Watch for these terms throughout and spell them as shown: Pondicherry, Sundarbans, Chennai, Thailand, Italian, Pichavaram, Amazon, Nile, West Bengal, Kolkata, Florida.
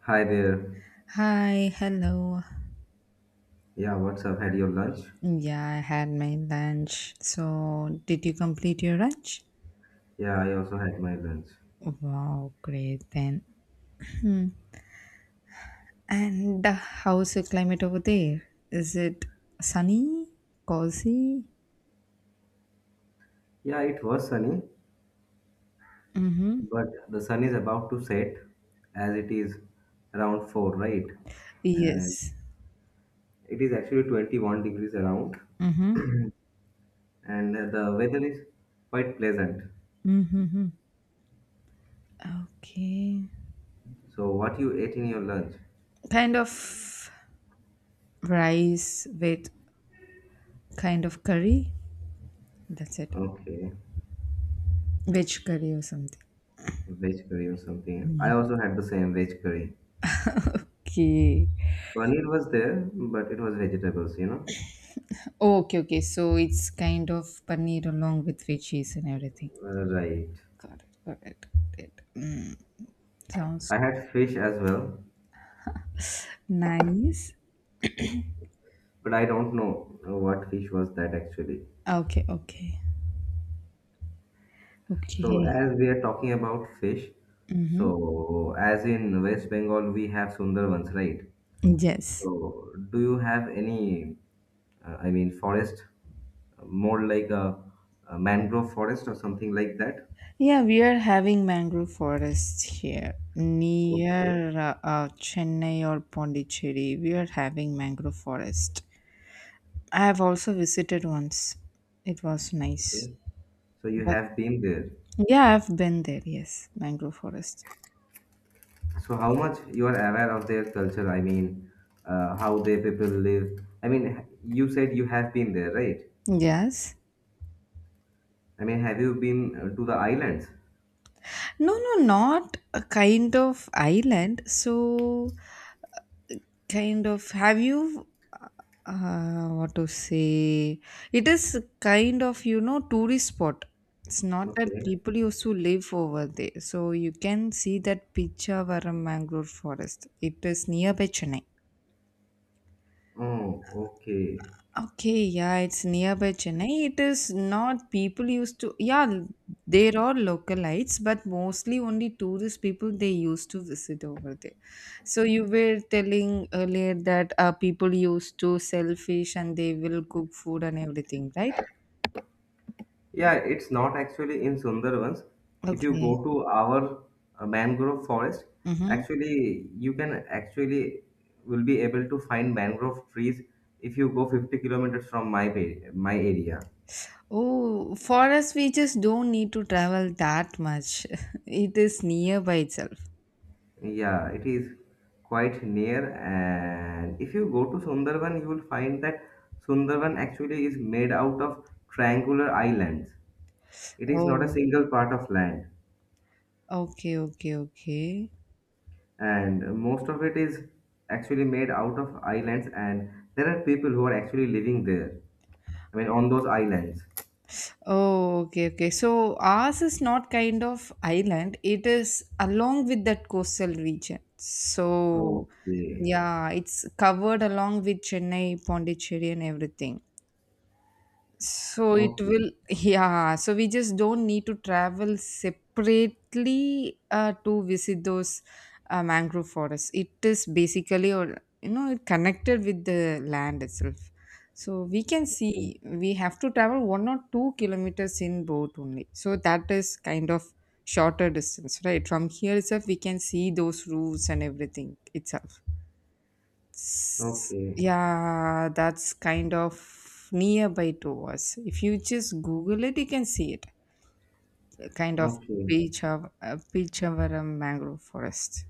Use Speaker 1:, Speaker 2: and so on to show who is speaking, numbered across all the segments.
Speaker 1: Hi there.
Speaker 2: Hi, hello.
Speaker 1: Yeah, what's up? Had your lunch?
Speaker 2: Yeah, I had my lunch. So, did you complete your lunch?
Speaker 1: Yeah, I also had my lunch.
Speaker 2: Wow, great then. Hmm. And how's the climate over there? Is it sunny? Cozy?
Speaker 1: Yeah, it was sunny,
Speaker 2: Mm-hmm.
Speaker 1: but the sun is about to set as it is around 4, right? And
Speaker 2: Yes.
Speaker 1: it is actually 21 degrees around,
Speaker 2: Mm-hmm.
Speaker 1: and the weather is quite pleasant.
Speaker 2: Mm-hmm. Okay.
Speaker 1: So, what you ate in your lunch?
Speaker 2: Kind of rice with kind of curry. That's it.
Speaker 1: Okay,
Speaker 2: Veg curry or something.
Speaker 1: veg curry or something. I also had the same veg curry.
Speaker 2: Okay.
Speaker 1: Paneer was there, but it was vegetables, you know?
Speaker 2: Okay, okay. So it's kind of paneer along with veggies and everything.
Speaker 1: Right.
Speaker 2: Got it. Got it. Got it. Mm, sounds
Speaker 1: I had fish as well,
Speaker 2: nice.
Speaker 1: but I don't know what fish was that actually.
Speaker 2: Okay. Okay.
Speaker 1: So
Speaker 2: Okay.
Speaker 1: as we are talking about fish,
Speaker 2: Mm-hmm.
Speaker 1: so as in West Bengal we have Sundarbans, right?
Speaker 2: Yes.
Speaker 1: So do you have any forest, more like a mangrove forest or something like that?
Speaker 2: Yeah, we are having mangrove forests here
Speaker 1: Okay,
Speaker 2: near Chennai or Pondicherry. We are having mangrove forest. I have also visited once. It was
Speaker 1: okay.
Speaker 2: nice.
Speaker 1: So you
Speaker 2: But
Speaker 1: have been there.
Speaker 2: yeah, I've been there. Yes, mangrove forest.
Speaker 1: So how much you are aware of their culture? I mean, how their people live. I mean, you said you have been there, right?
Speaker 2: Yes.
Speaker 1: I mean, have you been to the islands?
Speaker 2: No, no, not a kind of island. So kind of have you uh, what to say, it is kind of, you know, tourist spot. It's not that
Speaker 1: Okay.
Speaker 2: people used to live over there, so you can see that Pichavaram mangrove forest. It is nearby Chennai.
Speaker 1: Oh, okay.
Speaker 2: Okay, yeah, it's nearby Chennai. It is not people used to, yeah, there are localites, but mostly only tourist people they used to visit over there. So you were telling earlier that people used to sell fish and they will cook food and everything, right?
Speaker 1: Yeah, it's not actually in Sundarbans. If you
Speaker 2: Okay.
Speaker 1: go to our mangrove forest,
Speaker 2: Mm-hmm.
Speaker 1: actually you can actually will be able to find mangrove trees if you go 50 kilometers from my area.
Speaker 2: Oh, for us, we just don't need to travel that much. It is nearby itself.
Speaker 1: Yeah, it is quite near. And if you go to Sundarban, you will find that Sundarban actually is made out of triangular islands. It is not a
Speaker 2: Oh,
Speaker 1: single part of land,
Speaker 2: okay, okay, okay.
Speaker 1: and most of it is actually made out of islands, and there are people who are actually living there, I mean on those islands.
Speaker 2: Oh, okay, okay. So ours is not kind of island. It is along with that coastal region. So
Speaker 1: Okay,
Speaker 2: yeah, it's covered along with Chennai, Pondicherry, and everything. So it
Speaker 1: okay,
Speaker 2: will, yeah. So we just don't need to travel separately to visit those mangrove forests. It is basically, or you know, it connected with the land itself. So we can
Speaker 1: okay,
Speaker 2: see we have to travel 1 or 2 kilometers in boat only. So that is kind of shorter distance, right? From here itself, we can see those roofs and everything itself.
Speaker 1: okay,
Speaker 2: Yeah, that's kind of nearby to us. If you just Google it, you can see it kind of
Speaker 1: okay,
Speaker 2: Pichavaram mangrove forest.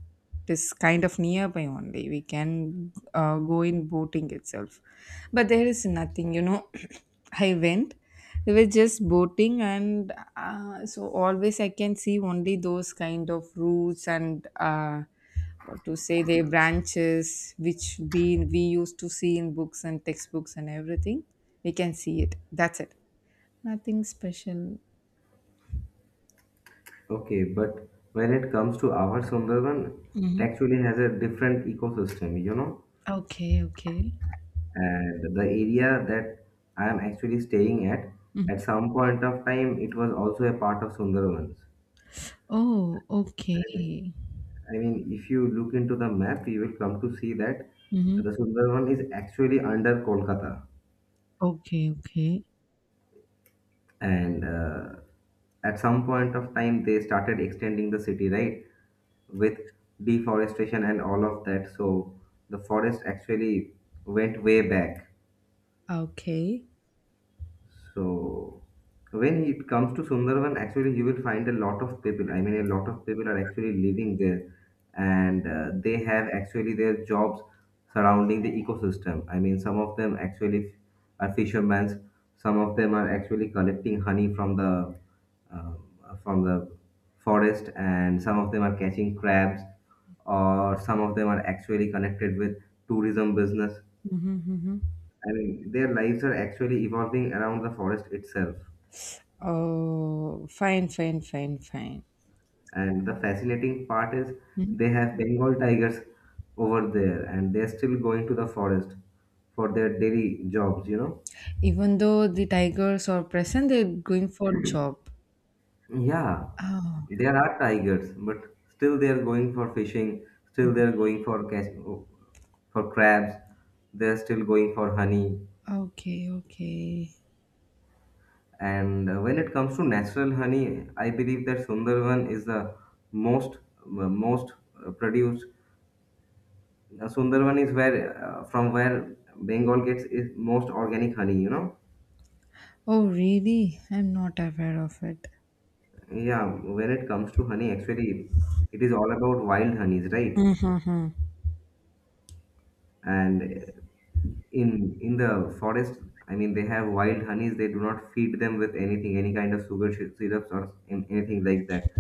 Speaker 2: It is kind of nearby only. We can go in boating itself. But there is nothing, you know. I went. We were just boating, and so always I can see only those kind of roots and what to say, their branches, which we used to see in books and textbooks and everything. We can see it. That's it. Nothing special.
Speaker 1: okay. But when it comes to our Sundarban, it
Speaker 2: Mhm.
Speaker 1: actually has a different ecosystem, you know.
Speaker 2: Okay, okay.
Speaker 1: And the area that I am actually staying at
Speaker 2: Mhm.
Speaker 1: some point of time it was also a part of Sundarbans.
Speaker 2: Oh, okay.
Speaker 1: I mean, if you look into the map, you will come to see that
Speaker 2: Hmm.
Speaker 1: the Sundarban is actually under Kolkata.
Speaker 2: Okay, okay.
Speaker 1: And at some point of time, they started extending the city, right? With deforestation and all of that. So the forest actually went way back.
Speaker 2: Okay.
Speaker 1: So when it comes to Sundarban, actually you will find a lot of people. I mean, a lot of people are actually living there, and they have actually their jobs surrounding the ecosystem. I mean, some of them actually are fishermen. Some of them are actually collecting honey from the uh, from the forest, and some of them are catching crabs, or some of them are actually connected with tourism business.
Speaker 2: Mm-hmm, mm-hmm.
Speaker 1: I mean, their lives are actually evolving around the forest itself.
Speaker 2: Oh, fine, fine, fine, fine.
Speaker 1: And the fascinating part is
Speaker 2: Hmm.
Speaker 1: they have Bengal tigers over there, and they're still going to the forest for their daily jobs, you know?
Speaker 2: Even though the tigers are present, they're going for job.
Speaker 1: Yeah,
Speaker 2: Oh,
Speaker 1: there are tigers, but still they are going for fishing, still they are going for catch, for crabs, they are still going for honey.
Speaker 2: okay, okay.
Speaker 1: And when it comes to natural honey, I believe that Sundarban is the most most produced Sundarban is where from where Bengal gets its most organic honey, you know.
Speaker 2: Oh, really? I'm not aware of it.
Speaker 1: Yeah, when it comes to honey, actually, it is all about wild honeys, right? And in the forest, I mean, they have wild honeys. They do not feed them with anything, any kind of syrups or anything like that.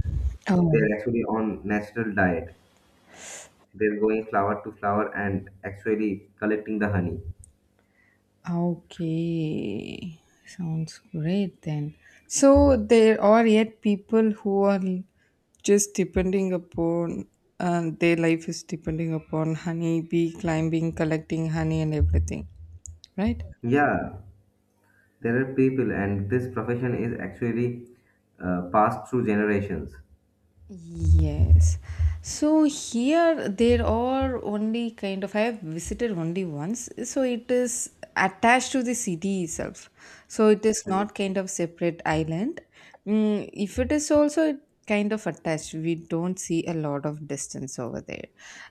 Speaker 1: They
Speaker 2: Oh.
Speaker 1: are actually on natural diet. They're going flower to flower and actually collecting the honey.
Speaker 2: Ah, okay, sounds great then. So there are yet people who are just depending upon their life is depending upon honey bee climbing, collecting honey and everything, right?
Speaker 1: Yeah, there are people, and this profession is actually passed through generations.
Speaker 2: Yes. So here there are only kind of I have visited only once. So it is attached to the city itself. So it is
Speaker 1: Mhm.
Speaker 2: not kind of separate island. Mm, if it is also it kind of attached, we don't see a lot of distance over there.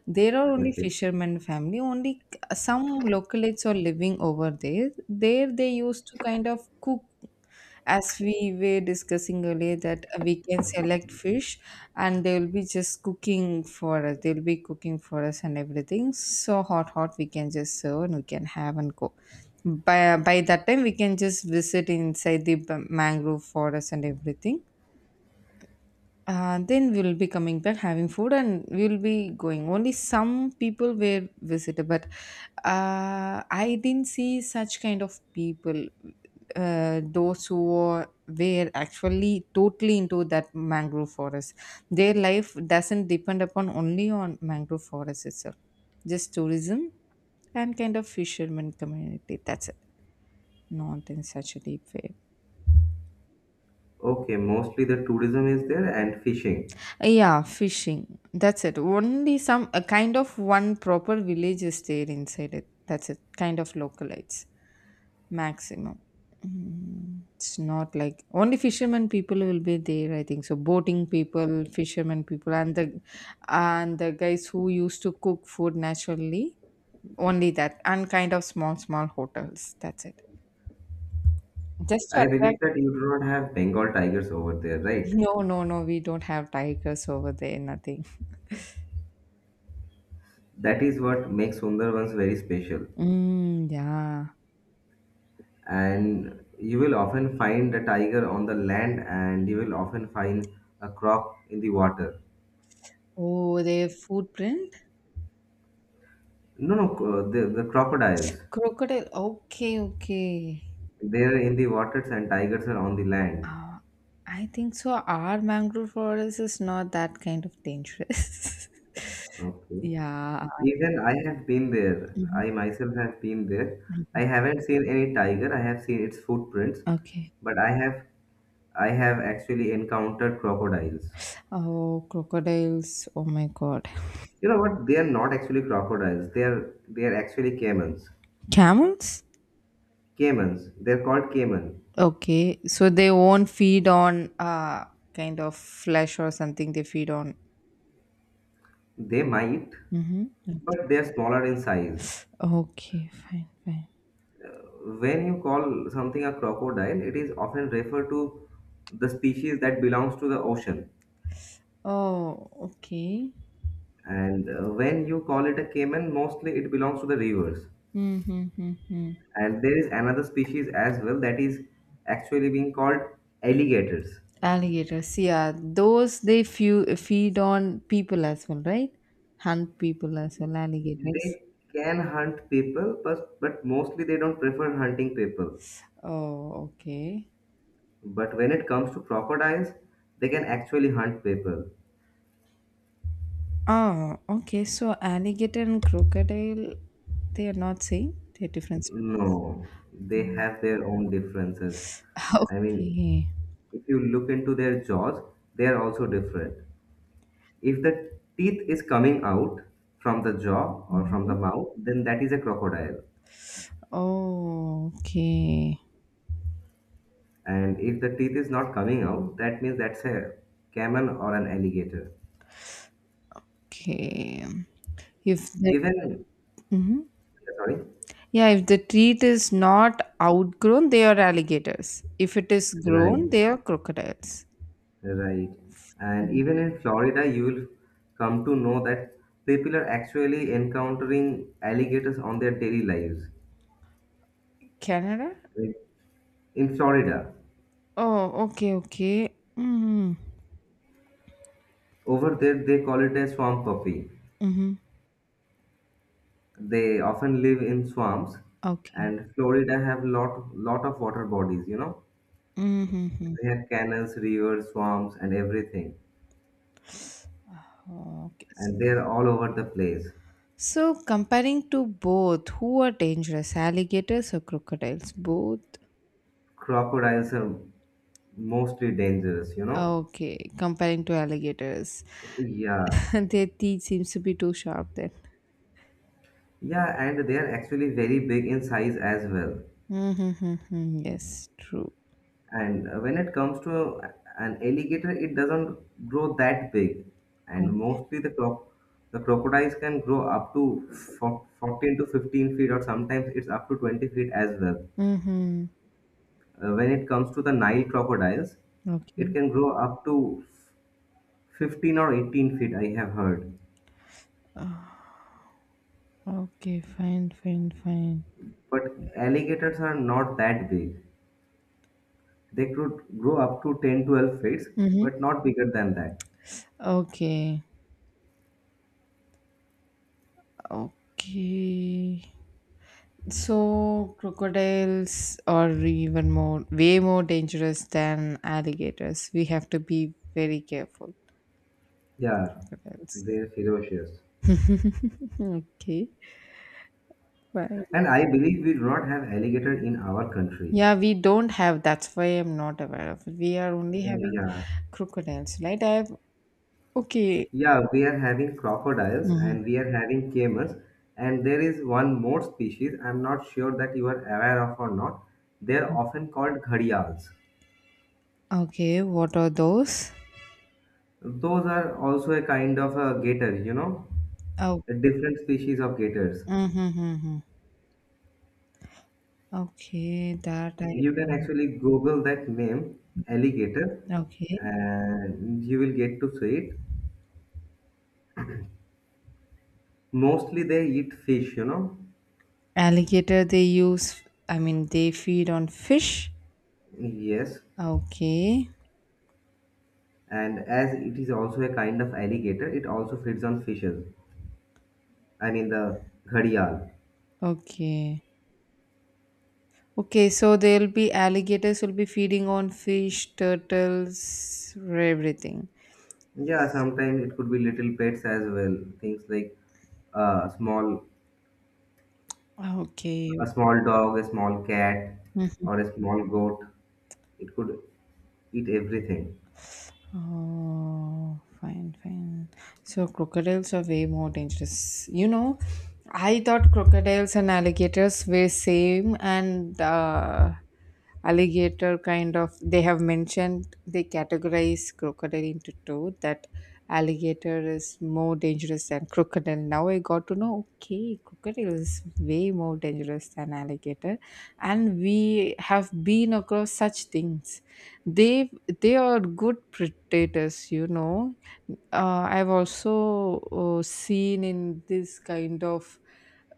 Speaker 2: There are only
Speaker 1: Okay.
Speaker 2: fishermen family. Only some localites are living over there. There they used to kind of cook as we were discussing earlier that we can select fish and they will be just cooking for us. They'll be cooking for us and everything, so hot hot we can just serve and we can have and go. By that time we can just visit inside the mangrove forest and everything. Then we'll be coming back having food and we'll be going. Only some people were visited, but I didn't see such kind of people. Those who were actually totally into that mangrove forest. Their life doesn't depend upon only on mangrove forest itself, just tourism and kind of fisherman community. That's it. Not in such a deep way.
Speaker 1: Okay, mostly the tourism is there and fishing.
Speaker 2: Yeah, fishing. That's it. Only some a kind of one proper village is there inside it. That's it. Kind of localites maximum. Mm, it's not like only fishermen people will be there. I think so. Boating people, fishermen people, and the guys who used to cook food naturally. Only that, and kind of small small hotels. That's it. Just to
Speaker 1: I
Speaker 2: attract.
Speaker 1: believe that you do not have Bengal tigers over there, right?
Speaker 2: No, no, no. We don't have tigers over there. Nothing.
Speaker 1: That is what makes Sundarbans very special.
Speaker 2: Mm, yeah.
Speaker 1: And you will often find a tiger on the land, and you will often find a croc in the water.
Speaker 2: Oh, their footprint?
Speaker 1: No, no, the crocodiles.
Speaker 2: Crocodile. Okay, okay.
Speaker 1: They are in the waters, and tigers are on the land.
Speaker 2: Uh, I think so. Our mangrove forest is not that kind of dangerous.
Speaker 1: Okay.
Speaker 2: yeah.
Speaker 1: Even I have been there.
Speaker 2: Mhm.
Speaker 1: I myself have been there. I haven't seen any tiger. I have seen its footprints,
Speaker 2: Okay.
Speaker 1: but I have actually encountered crocodiles.
Speaker 2: Oh, crocodiles. Oh my God.
Speaker 1: You know what? They are not actually crocodiles. They are actually caimans.
Speaker 2: Camels?
Speaker 1: Caimans. They're called caiman.
Speaker 2: Okay. So they won't feed on kind of flesh or something. They feed on.
Speaker 1: They might,
Speaker 2: Mm-hmm.
Speaker 1: but they are smaller in size.
Speaker 2: Okay, fine, fine.
Speaker 1: When you call something a crocodile, it is often referred to the species that belongs to the ocean.
Speaker 2: Oh, okay.
Speaker 1: And when you call it a caiman, mostly it belongs to the rivers.
Speaker 2: Mm-hmm, mm-hmm.
Speaker 1: And there is another species as well that is actually being called alligators.
Speaker 2: Alligators, yeah, those they few, feed on people as well, right? Hunt people as well, alligators.
Speaker 1: They can hunt people, but mostly they don't prefer hunting people.
Speaker 2: Oh, okay.
Speaker 1: But when it comes to crocodiles, they can actually hunt people.
Speaker 2: Ah, okay, so alligator and crocodile they are not same, they're different species.
Speaker 1: No, they have their own differences. I mean,
Speaker 2: okay.
Speaker 1: if you look into their jaws, they are also different. If the teeth is coming out from the jaw or from the
Speaker 2: Mhm.
Speaker 1: mouth, then that is a crocodile.
Speaker 2: Oh, okay.
Speaker 1: And if the teeth is not coming out, that means that's a camel or an alligator.
Speaker 2: Okay. If the
Speaker 1: Even,
Speaker 2: mhm.
Speaker 1: yeah, sorry,
Speaker 2: Yeah, if the treat is not outgrown they are alligators, if it is
Speaker 1: right,
Speaker 2: grown they are crocodiles.
Speaker 1: right. And even in Florida, you will come to know that people are actually encountering alligators on their daily lives.
Speaker 2: Canada.
Speaker 1: Like, In Florida,
Speaker 2: Oh, okay, okay. Mhm.
Speaker 1: over there, they call it a swamp puppy.
Speaker 2: Mhm.
Speaker 1: They often live in swamps,
Speaker 2: Okay.
Speaker 1: and Florida have lot of water bodies. You know,
Speaker 2: Mhm.
Speaker 1: they have canals, rivers, swamps, and everything,
Speaker 2: Okay.
Speaker 1: and they are all over the place.
Speaker 2: So, comparing to both, who are dangerous, alligators or crocodiles? Both.
Speaker 1: Crocodiles are mostly dangerous. You know,
Speaker 2: Okay, comparing to alligators.
Speaker 1: yeah,
Speaker 2: Their teeth seems to be too sharp then.
Speaker 1: yeah, and they are actually very big in size as well.
Speaker 2: Mm-hmm. Yes, true.
Speaker 1: And when it comes to an alligator, it doesn't grow that big. And mostly the crocodiles can grow up to 14 to 15 feet, or sometimes it's up to 20 feet as well.
Speaker 2: Mm-hmm.
Speaker 1: When it comes to the Nile crocodiles,
Speaker 2: Okay.
Speaker 1: it can grow up to 15 or 18 feet, I have heard.
Speaker 2: Ah, okay, fine, fine, fine.
Speaker 1: But alligators are not that big. They could grow up to 10 12 feet,
Speaker 2: Mm-hmm.
Speaker 1: but not bigger than that.
Speaker 2: Okay. Okay. So crocodiles are even more, way more dangerous than alligators. We have to be very careful.
Speaker 1: Yeah,
Speaker 2: Crocodiles.
Speaker 1: they're ferocious.
Speaker 2: okay. Fine.
Speaker 1: And I believe we do not have alligator in our country.
Speaker 2: Yeah, we don't have. That's why I'm not aware of it. We are only
Speaker 1: Uh,
Speaker 2: having
Speaker 1: Yeah,
Speaker 2: crocodiles, right? I have. Okay.
Speaker 1: yeah, we are having crocodiles
Speaker 2: Mhm.
Speaker 1: and we are having camels, and there is one more species. I'm not sure that you are aware of or not. They're often called gharials.
Speaker 2: Okay. What are those?
Speaker 1: Those are also a kind of a gator, you know,
Speaker 2: Oh.
Speaker 1: a different species of gators.
Speaker 2: Mm-hmm. Okay. That I
Speaker 1: You can actually Google that name, alligator,
Speaker 2: Okay.
Speaker 1: and you will get to see it. Mostly they eat fish, you know.
Speaker 2: Alligator. They use. I mean, they feed on fish.
Speaker 1: Yes.
Speaker 2: Okay.
Speaker 1: And as it is also a kind of alligator, it also feeds on fishes. I mean the gharial.
Speaker 2: Okay. Okay, so there'll be alligators will be feeding on fish, turtles, everything.
Speaker 1: Yeah, sometimes it could be little pets as well, things like a small,
Speaker 2: Okay.
Speaker 1: a small dog, a small cat, or a small goat. It could eat everything.
Speaker 2: Oh, fine, fine. So crocodiles are way more dangerous. You know, I thought crocodiles and alligators were same, and alligator kind of they have mentioned they categorize crocodile into two, that alligator is more dangerous than crocodile. Now I got to know okay, crocodile is way more dangerous than alligator, and we have been across such things. They they are good predators, you know. I've also seen in this kind of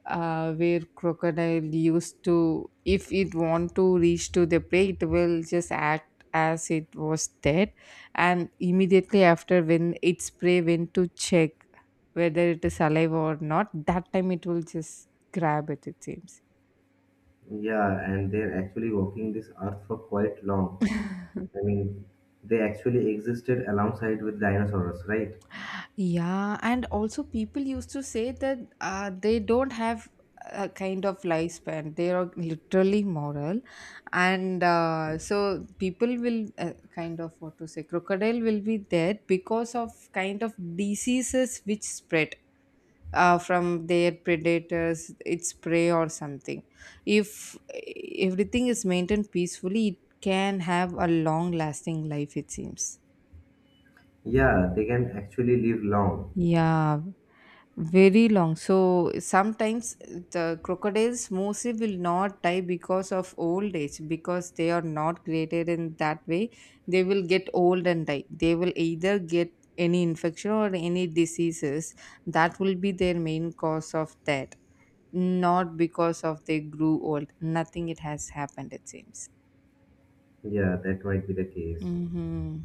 Speaker 2: where crocodile used to, if it want to reach to the prey, it will just act as it was dead, and immediately after when its prey went to check whether it is alive or not, that time it will just grab it. It seems.
Speaker 1: Yeah, and they're actually walking this earth for quite long. I mean, they actually existed alongside with dinosaurs, right?
Speaker 2: Yeah, and also people used to say that they don't have a kind of lifespan. They are literally moral, and so people will kind of what to say, crocodile will be dead because of kind of diseases which spread from their predators, its prey or something. If everything is maintained peacefully, it can have a long-lasting life. It seems.
Speaker 1: Yeah, they can actually live long.
Speaker 2: Yeah. Very long. So sometimes the crocodiles mostly will not die because of old age because they are not created in that way. They will get old and die. They will either get any infection or any diseases that will be their main cause of death, not because of they grew old. Nothing it has happened, it seems.
Speaker 1: Yeah, that might be the case.
Speaker 2: Mm-hmm.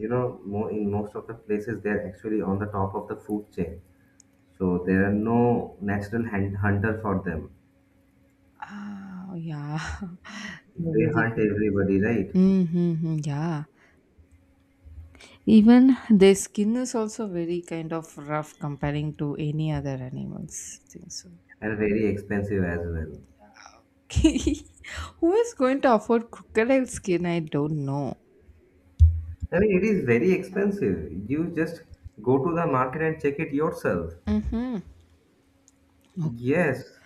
Speaker 1: You know, mo in most of the places they're actually on the top of the food chain, so there are no natural hunter for them.
Speaker 2: Ah, yeah. The
Speaker 1: They hunt
Speaker 2: vegetarians.
Speaker 1: everybody, right?
Speaker 2: Mm-hmm. Yeah. Even their skin is also very kind of rough comparing to any other animals. I think so.
Speaker 1: And very expensive as well.
Speaker 2: Who is going to afford crocodile skin? I don't know.
Speaker 1: I mean, it is very expensive. You just go to the market and check it yourself.
Speaker 2: Hmm.
Speaker 1: Yes,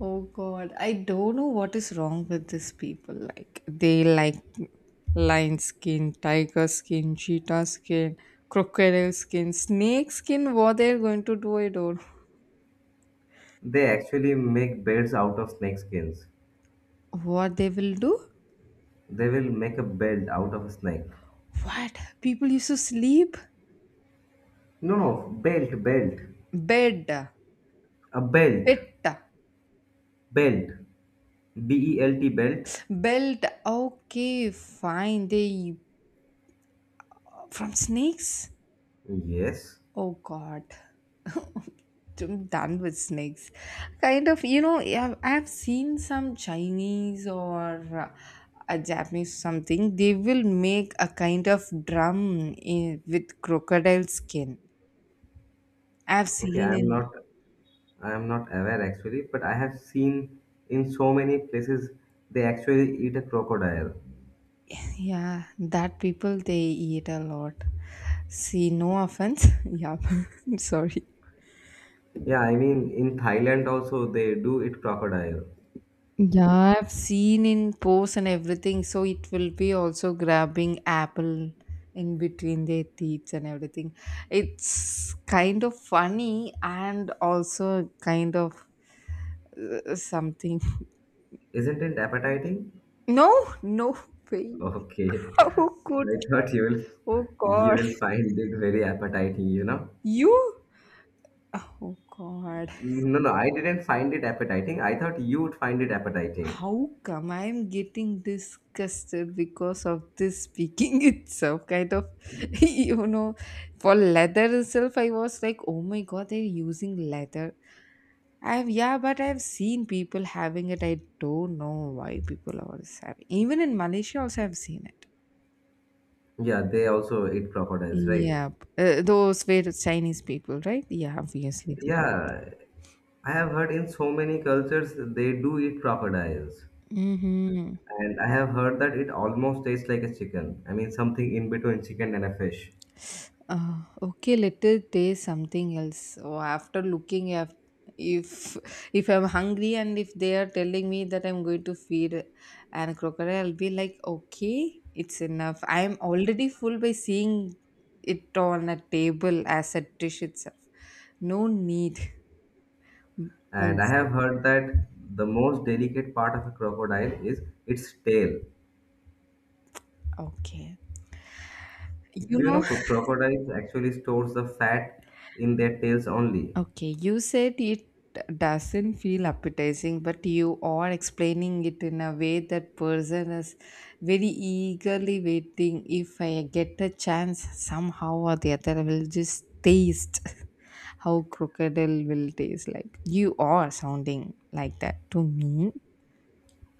Speaker 2: Oh God, I don't know what is wrong with these people. Like they like lion skin, tiger skin, cheetah skin, crocodile skin, snake skin. What they're going to do, I don't know.
Speaker 1: they actually make belts out of snake skins.
Speaker 2: What they will do?
Speaker 1: They will make a belt out of a snake.
Speaker 2: What people used to sleep
Speaker 1: No, no, belt, belt.
Speaker 2: bed,
Speaker 1: A belt.
Speaker 2: pit.
Speaker 1: Belt. B E L T. Belt.
Speaker 2: Belt, okay, fine. They from snakes?
Speaker 1: Yes.
Speaker 2: Oh god. I'm done with snakes. Kind of, you know, I've seen some Chinese or a Japanese something. They will make a kind of drum in, with crocodile skin. I've
Speaker 1: Okay,
Speaker 2: seen in,
Speaker 1: I am not aware actually, but I have seen in so many places they actually eat a crocodile.
Speaker 2: yeah, that people they eat a lot. See, no offense. Yeah, I'm sorry.
Speaker 1: Yeah, I mean in Thailand also they do eat crocodile.
Speaker 2: Yeah, I've seen in posts and everything. So it will be also grabbing apple in between their teeth and everything. It's kind of funny and also kind of something.
Speaker 1: Isn't it appetizing?
Speaker 2: No, no way.
Speaker 1: Okay.
Speaker 2: How could?
Speaker 1: I thought you will,
Speaker 2: Oh
Speaker 1: you
Speaker 2: God,
Speaker 1: will find it very appetizing, you know?
Speaker 2: you. Oh God.
Speaker 1: No, no, I didn't find it appetizing. I thought you would find it appetizing.
Speaker 2: How come I'm getting disgusted because of this speaking itself? Kind of, you know, for leather itself, I was like, oh my god, they're using leather. I've yeah, but I've seen people having it. I don't know why people are having. Even in Malaysia, also I've seen it.
Speaker 1: Yeah, they also eat crocodiles, right?
Speaker 2: Yeah, those were Chinese people, right? Yeah, obviously they will.
Speaker 1: Yeah, I have heard in so many cultures they do eat crocodiles.
Speaker 2: Mm-hmm.
Speaker 1: And I have heard that it almost tastes like a chicken. I mean, something in between chicken and a fish.
Speaker 2: Okay, let us taste something else. Oh, after looking at if I'm hungry and if they are telling me that I'm going to feed an crocodile, I'll be like, okay, it's enough. I'm already full by seeing it on a table as a dish itself. No need. I'll
Speaker 1: And I have
Speaker 2: say,
Speaker 1: heard that the most delicate part of a crocodile is its tail.
Speaker 2: okay. You
Speaker 1: Do you know
Speaker 2: know,
Speaker 1: crocodiles actually stores the fat in their tails only?
Speaker 2: okay, you said it doesn't feel appetizing, but you are explaining it in a way that person is very eagerly waiting. If I get a chance, somehow or the other, I will just taste how crocodile will taste like. You are sounding like that to me.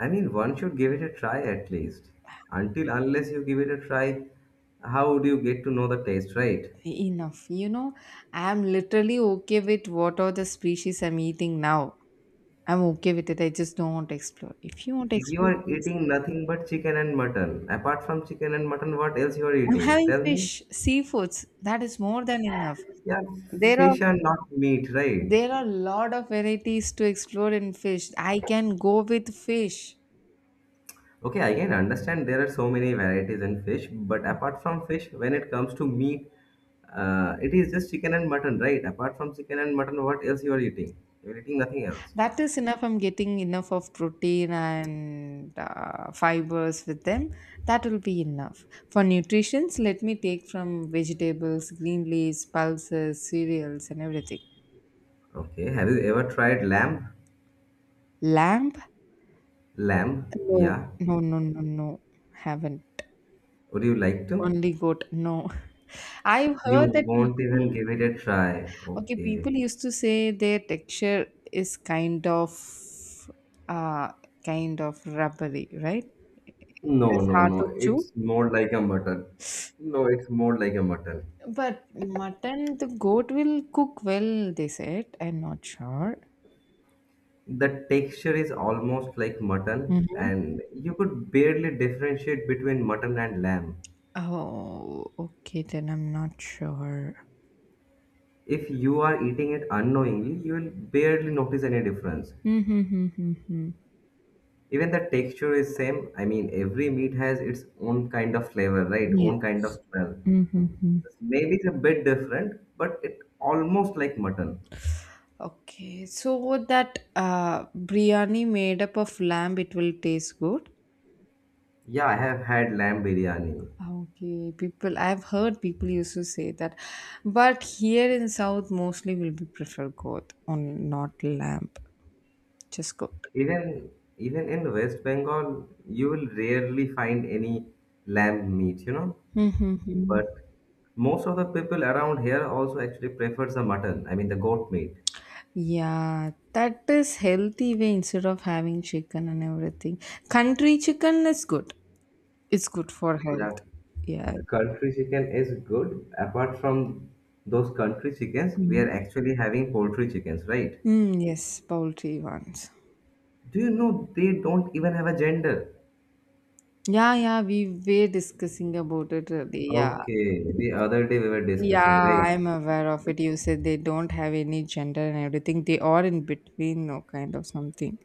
Speaker 1: I mean, one should give it a try at least. Until unless you give it a try, how would you get to know the taste, right?
Speaker 2: Enough, I'm literally okay with what are the species I'm eating now. I'm okay with it. I just don't want to explore. If you want to
Speaker 1: You
Speaker 2: explore,
Speaker 1: are
Speaker 2: please.
Speaker 1: eating nothing but chicken and mutton. Apart from chicken and mutton, what else you are
Speaker 2: I'm
Speaker 1: eating?
Speaker 2: having
Speaker 1: Tell me.
Speaker 2: fish, seafoods. That is more than enough.
Speaker 1: Yeah,
Speaker 2: There are
Speaker 1: fish are not meat, right?
Speaker 2: there are a lot of varieties to explore in fish. I can go with fish.
Speaker 1: Okay, I can understand there are so many varieties in fish, but apart from fish, when it comes to meat, it is just chicken and mutton, right? Apart from chicken and mutton, what else you are eating? You are eating nothing else.
Speaker 2: That is enough. I'm getting enough of protein and fibers with them. That will be enough. For nutritions, let me take from vegetables, green leaves, pulses, cereals, and everything.
Speaker 1: Okay, have you ever tried lamb?
Speaker 2: Lamb?
Speaker 1: Lamb,
Speaker 2: No,
Speaker 1: yeah.
Speaker 2: no, no, no, no. Haven't.
Speaker 1: Would you like to?
Speaker 2: Only goat? No. I've
Speaker 1: You
Speaker 2: heard that
Speaker 1: won't even
Speaker 2: people.
Speaker 1: give it a try.
Speaker 2: Okay,
Speaker 1: Okay.
Speaker 2: people used to say their texture is uh kind of rubbery, right? It
Speaker 1: No,
Speaker 2: is
Speaker 1: no,
Speaker 2: hard
Speaker 1: no.
Speaker 2: to chew.
Speaker 1: It's more like a mutton. No, it's more like a mutton.
Speaker 2: But mutton, the goat will cook well, they said. I'm not sure.
Speaker 1: The texture is almost like mutton,
Speaker 2: hmm
Speaker 1: and you could barely differentiate between mutton and lamb.
Speaker 2: Oh, okay, then I'm not sure.
Speaker 1: If you are eating it unknowingly, you will barely notice any difference.
Speaker 2: Mm-hmm.
Speaker 1: Even the texture is same. I mean, every meat has its own kind of flavor, right?
Speaker 2: Yes.
Speaker 1: Own kind of smell.
Speaker 2: Mm-hmm.
Speaker 1: Maybe it's a bit different, but it almost like mutton.
Speaker 2: Okay, so that biryani made up of lamb, it will taste good.
Speaker 1: Yeah, I have had lamb biryani.
Speaker 2: Okay, people, I've heard people used to say that, but here in South, mostly will be prefer goat on not lamb, just goat.
Speaker 1: Even even in West Bengal, you will rarely find any lamb meat, you know.
Speaker 2: Mm-hmm.
Speaker 1: But most of the people around here also actually prefers the mutton, I mean the goat meat.
Speaker 2: Yeah, that is healthy way instead of having chicken and everything. Country chicken is good. It's good for health.
Speaker 1: Yeah,
Speaker 2: Yeah.
Speaker 1: country chicken is good. Apart from those country chickens, we
Speaker 2: Mm.
Speaker 1: are actually having poultry chickens, right?
Speaker 2: Mm, yes, poultry ones.
Speaker 1: Do you know they don't even have a gender?
Speaker 2: Yeah, yeah, we were discussing about it earlier. Yeah,
Speaker 1: Okay, the other day we were
Speaker 2: yeah,
Speaker 1: discussing, right?
Speaker 2: I'm aware of it. You said they don't have any gender and everything. They are in between, no kind of something.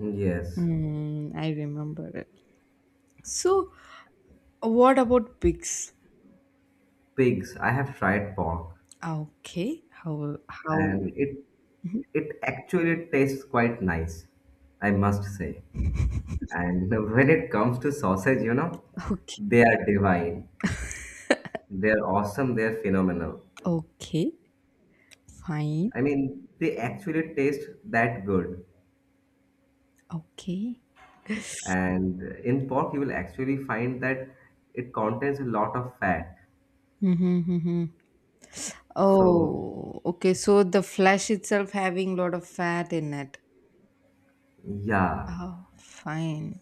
Speaker 1: Yes,
Speaker 2: Mm, I remember it. So, what about pigs?
Speaker 1: pigs. I have tried pork,
Speaker 2: Okay, how how?
Speaker 1: and it actually tastes quite nice, I must say. And when it comes to sausage, you know,
Speaker 2: Okay,
Speaker 1: they are divine. They're awesome. They're phenomenal.
Speaker 2: okay, fine.
Speaker 1: I mean, they actually taste that good.
Speaker 2: Okay.
Speaker 1: And in pork, you will actually find that it contains a lot of fat.
Speaker 2: Mm-hmm, mm-hmm.
Speaker 1: So,
Speaker 2: Oh, okay. So the flesh itself having lot of fat in it.
Speaker 1: yeah.
Speaker 2: Oh, fine.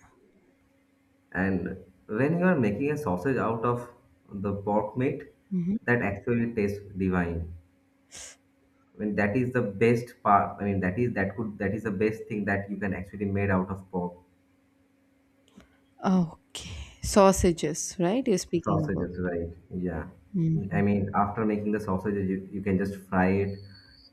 Speaker 1: And when you are making a sausage out of the pork meat,
Speaker 2: Mm-hmm.
Speaker 1: that actually tastes divine. I mean, that is the best part. I mean, that is the best thing that you can actually made out of pork.
Speaker 2: Okay, sausages, right? You're speaking about.
Speaker 1: Sausages, right? Yeah.
Speaker 2: Mm-hmm.
Speaker 1: I mean, after making the sausages, you can just fry it,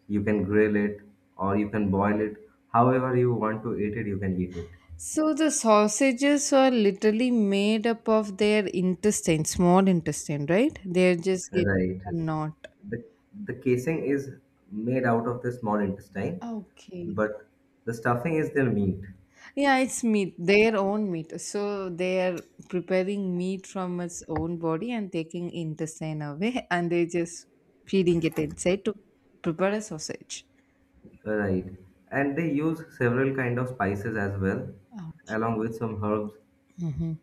Speaker 1: you can grill it, or you can boil it. However you want to eat it, you can eat it.
Speaker 2: So the sausages are literally made up of their intestine, small intestine, right? They're just getting
Speaker 1: Right.
Speaker 2: a knot.
Speaker 1: The, the casing is made out of the small intestine,
Speaker 2: Okay.
Speaker 1: but the stuffing is their meat.
Speaker 2: Yeah, it's meat, their own meat. So they are preparing meat from its own body and taking intestine away, and they're just feeding it inside to prepare a sausage.
Speaker 1: Right. And they use several kind of spices as well,
Speaker 2: Oh.
Speaker 1: along with some herbs,
Speaker 2: Hmm.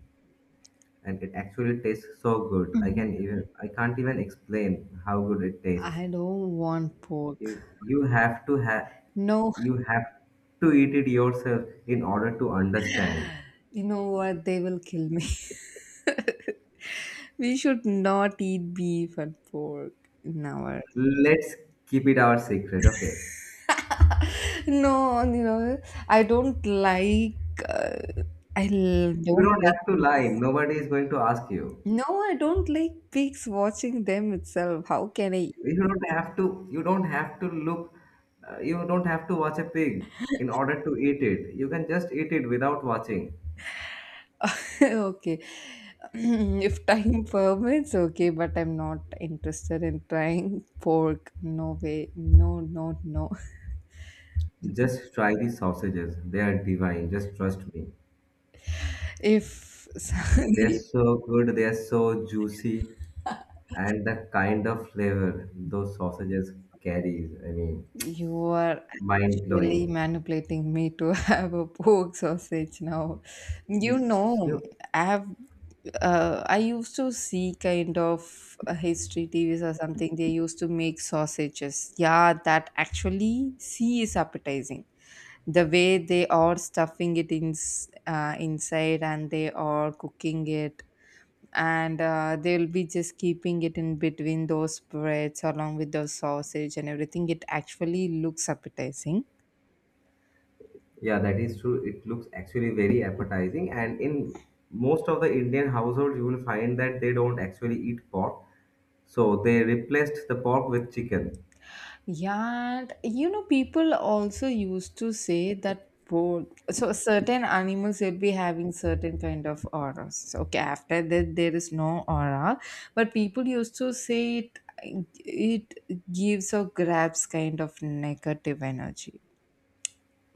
Speaker 1: and it actually tastes so good. I can't even explain how good it tastes.
Speaker 2: I don't want pork.
Speaker 1: You have to have
Speaker 2: No.
Speaker 1: you have to eat it yourself in order to understand.
Speaker 2: You know what? They will kill me. We should not eat beef and pork in our.
Speaker 1: Let's keep it our secret, okay?
Speaker 2: No, you know, I don't like. Uh, I l-
Speaker 1: You
Speaker 2: don't
Speaker 1: don't
Speaker 2: like.
Speaker 1: have to lie.
Speaker 2: Pigs.
Speaker 1: Nobody is going to ask you.
Speaker 2: No, I don't like pigs. Watching them itself, how can I?
Speaker 1: You don't have to. You don't have to look. You don't have to watch a pig in order to eat it. You can just eat it without watching.
Speaker 2: Okay, if time permits, okay, but I'm not interested in trying pork. No way. No, no, no.
Speaker 1: Just try these sausages. They are divine. Just trust me.
Speaker 2: If
Speaker 1: They are so good. They are so juicy. And the kind of flavor those sausages carries, I mean,
Speaker 2: you are
Speaker 1: mind
Speaker 2: actually
Speaker 1: blowing.
Speaker 2: manipulating me to have a pork sausage now. You know, I have I used to see kind of history TVs or something. They used to make sausages. Yeah, that actually see is appetizing. The way they are stuffing it in inside and they are cooking it and they'll be just keeping it in between those breads along with the sausage and everything it actually looks appetizing.
Speaker 1: Yeah, that is true. It looks actually very appetizing. And in most of the Indian households, you will find that they don't actually eat pork. So they replaced the pork with chicken
Speaker 2: Yeah, and you know people also used to say that both so certain animals will be having certain kind of auras, okay, after that there is no aura, but people used to say it it gives or grabs kind of negative energy.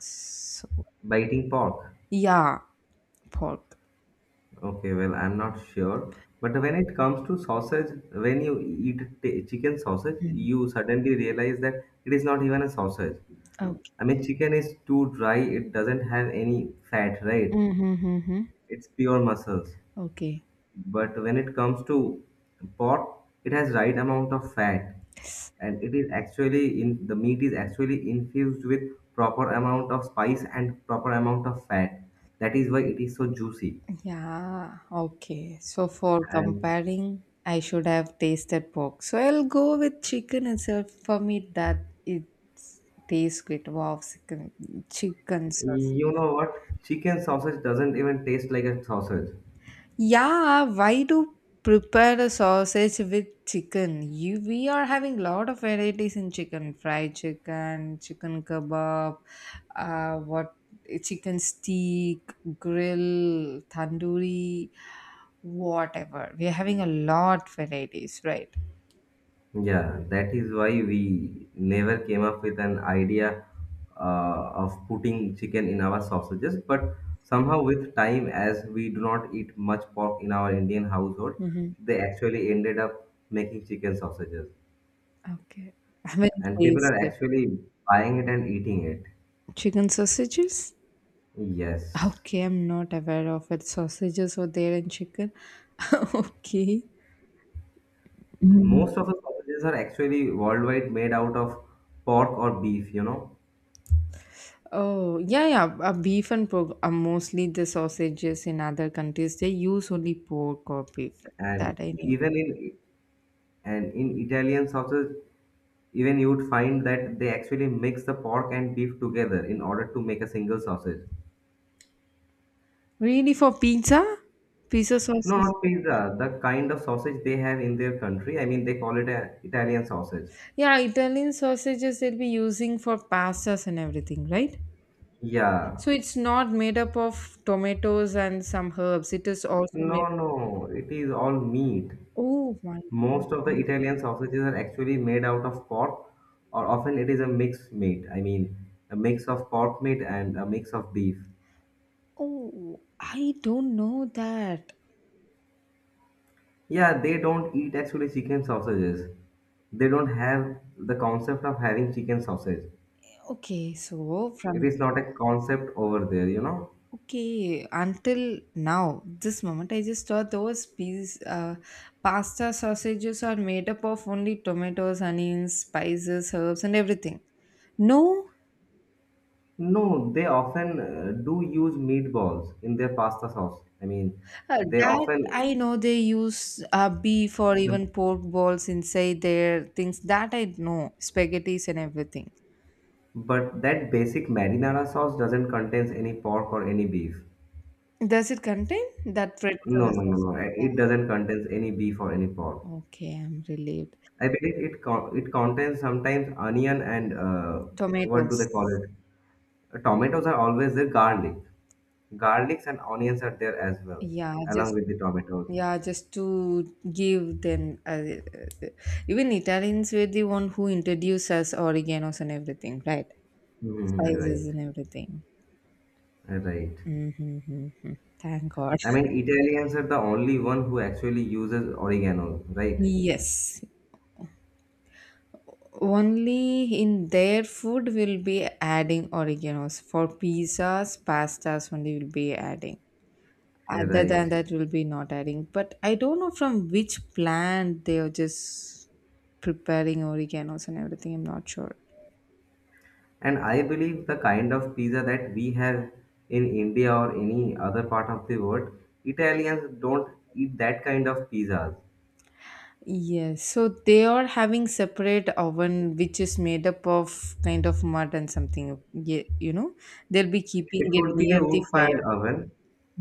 Speaker 2: So
Speaker 1: by eating pork.
Speaker 2: yeah, pork.
Speaker 1: Okay, well, I'm not sure. But when it comes to sausage, when you eat chicken sausage,
Speaker 2: Mm.
Speaker 1: you suddenly realize that it is not even a sausage.
Speaker 2: Okay.
Speaker 1: I mean, chicken is too dry, it doesn't have any fat, right?
Speaker 2: Mm-hmm.
Speaker 1: It's pure muscles.
Speaker 2: Okay.
Speaker 1: But when it comes to pork, it has right amount of fat and it is actually in the meat is actually infused with proper amount of spice and proper amount of fat. That is why it is so juicy.
Speaker 2: Yeah. Okay. So for
Speaker 1: And
Speaker 2: comparing, I should have tasted pork. So I'll go with chicken itself. For me, that it tastes good. Wow, chicken, chicken sauce.
Speaker 1: you know what? Chicken sausage doesn't even taste like a sausage.
Speaker 2: Yeah, why do prepare a sausage with chicken? You, we are having lot of varieties in chicken, fried chicken, chicken kebab, what chicken steak, grill, tandoori, whatever. We are having a lot varieties, right?
Speaker 1: Yeah, that is why we never came up with an idea of putting chicken in our sausages. But somehow, with time, as we do not eat much pork in our Indian household,
Speaker 2: Mm-hmm.
Speaker 1: they actually ended up making chicken sausages.
Speaker 2: Okay, I haven't
Speaker 1: And people are
Speaker 2: tasted
Speaker 1: actually buying it and eating it.
Speaker 2: chicken sausages.
Speaker 1: Yes.
Speaker 2: Okay, I'm not aware of it. Sausages were there in chicken. Okay.
Speaker 1: Most of the sausages are actually worldwide made out of pork or beef, you know.
Speaker 2: Oh, yeah, yeah. Beef and pork are mostly the sausages in other countries. They use only pork or beef.
Speaker 1: And
Speaker 2: That I know.
Speaker 1: even in and in Italian sausage, even you would find that they actually mix the pork and beef together in order to make a single sausage.
Speaker 2: Really, for pizza? Pizza
Speaker 1: No,
Speaker 2: sauces?
Speaker 1: not pizza. The kind of sausage they have in their country. I mean, they call it a Italian sausage.
Speaker 2: Yeah, Italian sausages they'll be using for pastas and everything, right?
Speaker 1: Yeah.
Speaker 2: So it's not made up of tomatoes and some herbs. It is also made
Speaker 1: No,
Speaker 2: up.
Speaker 1: no. It is all meat.
Speaker 2: Oh, my
Speaker 1: Most of the
Speaker 2: goodness.
Speaker 1: Italian sausages are actually made out of pork, or often it is a mixed meat. I mean, a mix of pork meat and a mix of beef.
Speaker 2: Oh, I don't know that.
Speaker 1: Yeah, they don't eat actually chicken sausages. They don't have the concept of having chicken sausage.
Speaker 2: Okay, so
Speaker 1: It
Speaker 2: from.
Speaker 1: is not a concept over there, you know.
Speaker 2: Okay, until now, this moment, I just thought those piece, pasta sausages are made up of only tomatoes, onions, spices, herbs, and everything. No,
Speaker 1: No, they often do use meatballs in their pasta sauce. I mean, they
Speaker 2: that
Speaker 1: often
Speaker 2: I know they use beef or
Speaker 1: the
Speaker 2: even pork balls inside their things. That I know, spaghettis and everything.
Speaker 1: but that basic marinara sauce doesn't contains any pork or any beef.
Speaker 2: Does it contain that red
Speaker 1: No,
Speaker 2: color
Speaker 1: no, no,
Speaker 2: sauce?
Speaker 1: no.
Speaker 2: Yeah.
Speaker 1: It doesn't contains any beef or any pork.
Speaker 2: Okay, I'm relieved.
Speaker 1: I believe it contains sometimes onion and what do they
Speaker 2: Tomatoes.
Speaker 1: call it? Tomatoes are always there. Garlics and onions are there as well,
Speaker 2: Yeah,
Speaker 1: along
Speaker 2: just
Speaker 1: with the tomatoes.
Speaker 2: yeah just to give them even Italians were the one who introduced us oreganos and everything, right?
Speaker 1: Hmm, right.
Speaker 2: Spices and everything.
Speaker 1: Right.
Speaker 2: Mm-hmm. Thank god.
Speaker 1: I mean, Italians are the only one who actually uses oregano, right?
Speaker 2: Yes, only in their food will be adding oreganos for pizzas pastas only will be adding, other
Speaker 1: Right.
Speaker 2: than that will be not adding, but I don't know from which plant they are just preparing oreganos and everything, I'm not sure.
Speaker 1: And I believe the kind of pizza that we have in India or any other part of the world, Italians don't eat that kind of pizzas.
Speaker 2: Yes, so they are having separate oven which is made up of kind of mud and something. Yeah, you know, they'll be keeping
Speaker 1: It
Speaker 2: it
Speaker 1: could be
Speaker 2: near
Speaker 1: a
Speaker 2: the fire.
Speaker 1: wood-fired oven.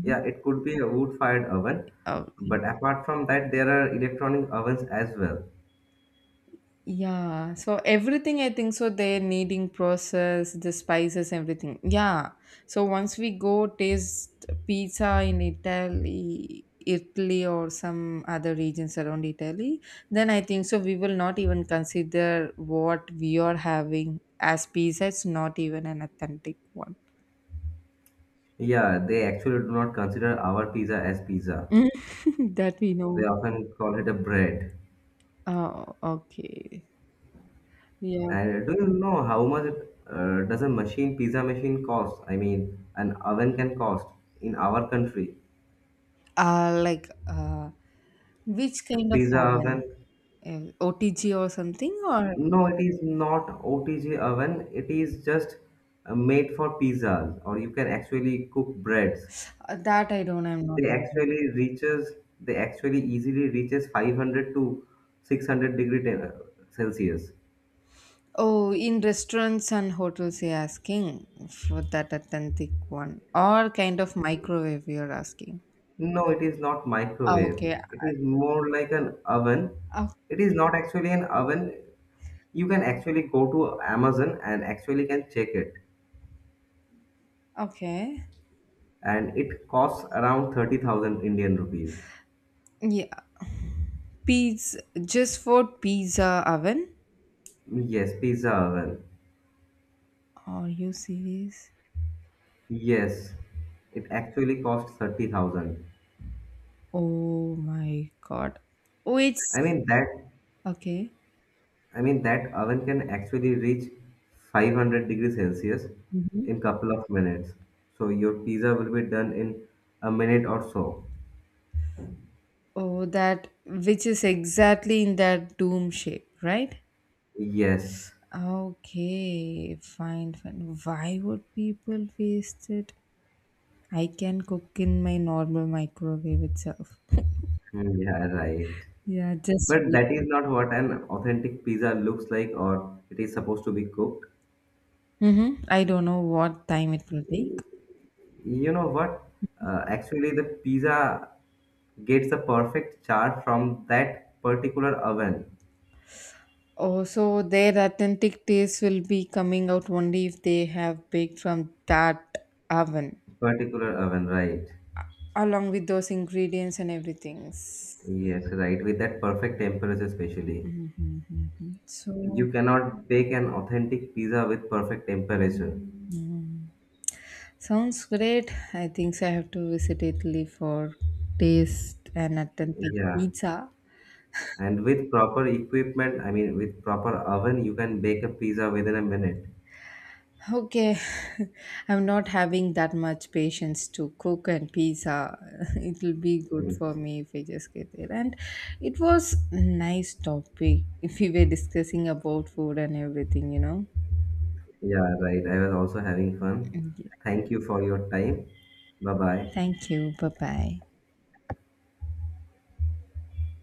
Speaker 1: Yeah, it could be a wood-fired oven.
Speaker 2: Oh, yeah.
Speaker 1: But apart from that, there are electronic ovens as well.
Speaker 2: Yeah, so everything I think so they're needing process, the spices, everything. Yeah. So once we go taste pizza in Italy, Italy or some other regions around Italy, then I think so we will not even consider what we are having as pizza. It's not even an authentic one.
Speaker 1: Yeah, they actually do not consider our pizza as pizza.
Speaker 2: That we
Speaker 1: They
Speaker 2: know.
Speaker 1: often call it a bread.
Speaker 2: Oh, okay. Yeah.
Speaker 1: And do you know how much does a machine pizza machine cost? I mean, an oven can cost in our country.
Speaker 2: Like which
Speaker 1: A
Speaker 2: kind of
Speaker 1: pizza oven?
Speaker 2: oven? OTG or something, or
Speaker 1: No, it is not OTG oven. It is just made for pizzas, or you can actually cook breads.
Speaker 2: that I don't, I'm not
Speaker 1: They
Speaker 2: aware of.
Speaker 1: actually reaches. They actually easily reaches 500 to 600 degree Celsius.
Speaker 2: Oh, in restaurants and hotels, you're asking for that authentic one, or kind of microwave, you're asking.
Speaker 1: No, it is not
Speaker 2: Oh,
Speaker 1: microwave.
Speaker 2: okay.
Speaker 1: It is more like an oven.
Speaker 2: Oh,
Speaker 1: It is not actually an oven. You can actually go to Amazon and actually can check it.
Speaker 2: okay.
Speaker 1: And it costs around 30,000 Indian rupees.
Speaker 2: Yeah. Pizza, just for pizza oven.
Speaker 1: Yes, pizza oven.
Speaker 2: Are you serious?
Speaker 1: Yes, it actually costs 30,000.
Speaker 2: Oh my god. Oh,
Speaker 1: I
Speaker 2: it's
Speaker 1: mean that
Speaker 2: okay.
Speaker 1: I mean that oven can actually reach 500 degrees Celsius
Speaker 2: Mhm.
Speaker 1: in couple of minutes. So your pizza will be done in a minute or so.
Speaker 2: Oh, that which is exactly in that dome shape, right?
Speaker 1: Yes.
Speaker 2: Okay, fine, fine. Why would people waste it? I can cook in my normal microwave itself.
Speaker 1: Mm, yeah, right.
Speaker 2: Yeah, just
Speaker 1: But
Speaker 2: wait.
Speaker 1: that is not what an authentic pizza looks like or it is supposed to be cooked.
Speaker 2: Mm-hmm. I don't know what time it will take.
Speaker 1: You know what? Actually, the pizza gets a perfect char from that particular oven.
Speaker 2: Oh, so their authentic taste will be coming out only if they have baked from that oven,
Speaker 1: Particular oven, right?
Speaker 2: along with those ingredients and everything.
Speaker 1: Yes, right. With that perfect temperature, especially.
Speaker 2: Mm-hmm, mm-hmm. So,
Speaker 1: You cannot bake an authentic pizza with perfect temperature.
Speaker 2: mhm, sounds great. I think so I have to visit Italy for taste and authentic
Speaker 1: Yeah.
Speaker 2: pizza.
Speaker 1: And with proper equipment, I mean, with proper oven, you can bake a pizza within a minute.
Speaker 2: Okay, I'm not having that much patience to cook and pizza. It'll be good
Speaker 1: Mm,
Speaker 2: for me if I just get there. And it was nice topic if we were discussing about food and everything, you know.
Speaker 1: yeah, right. I was also having fun.
Speaker 2: Mm, yeah.
Speaker 1: Thank you for your time. Bye bye.
Speaker 2: Thank you. Bye bye.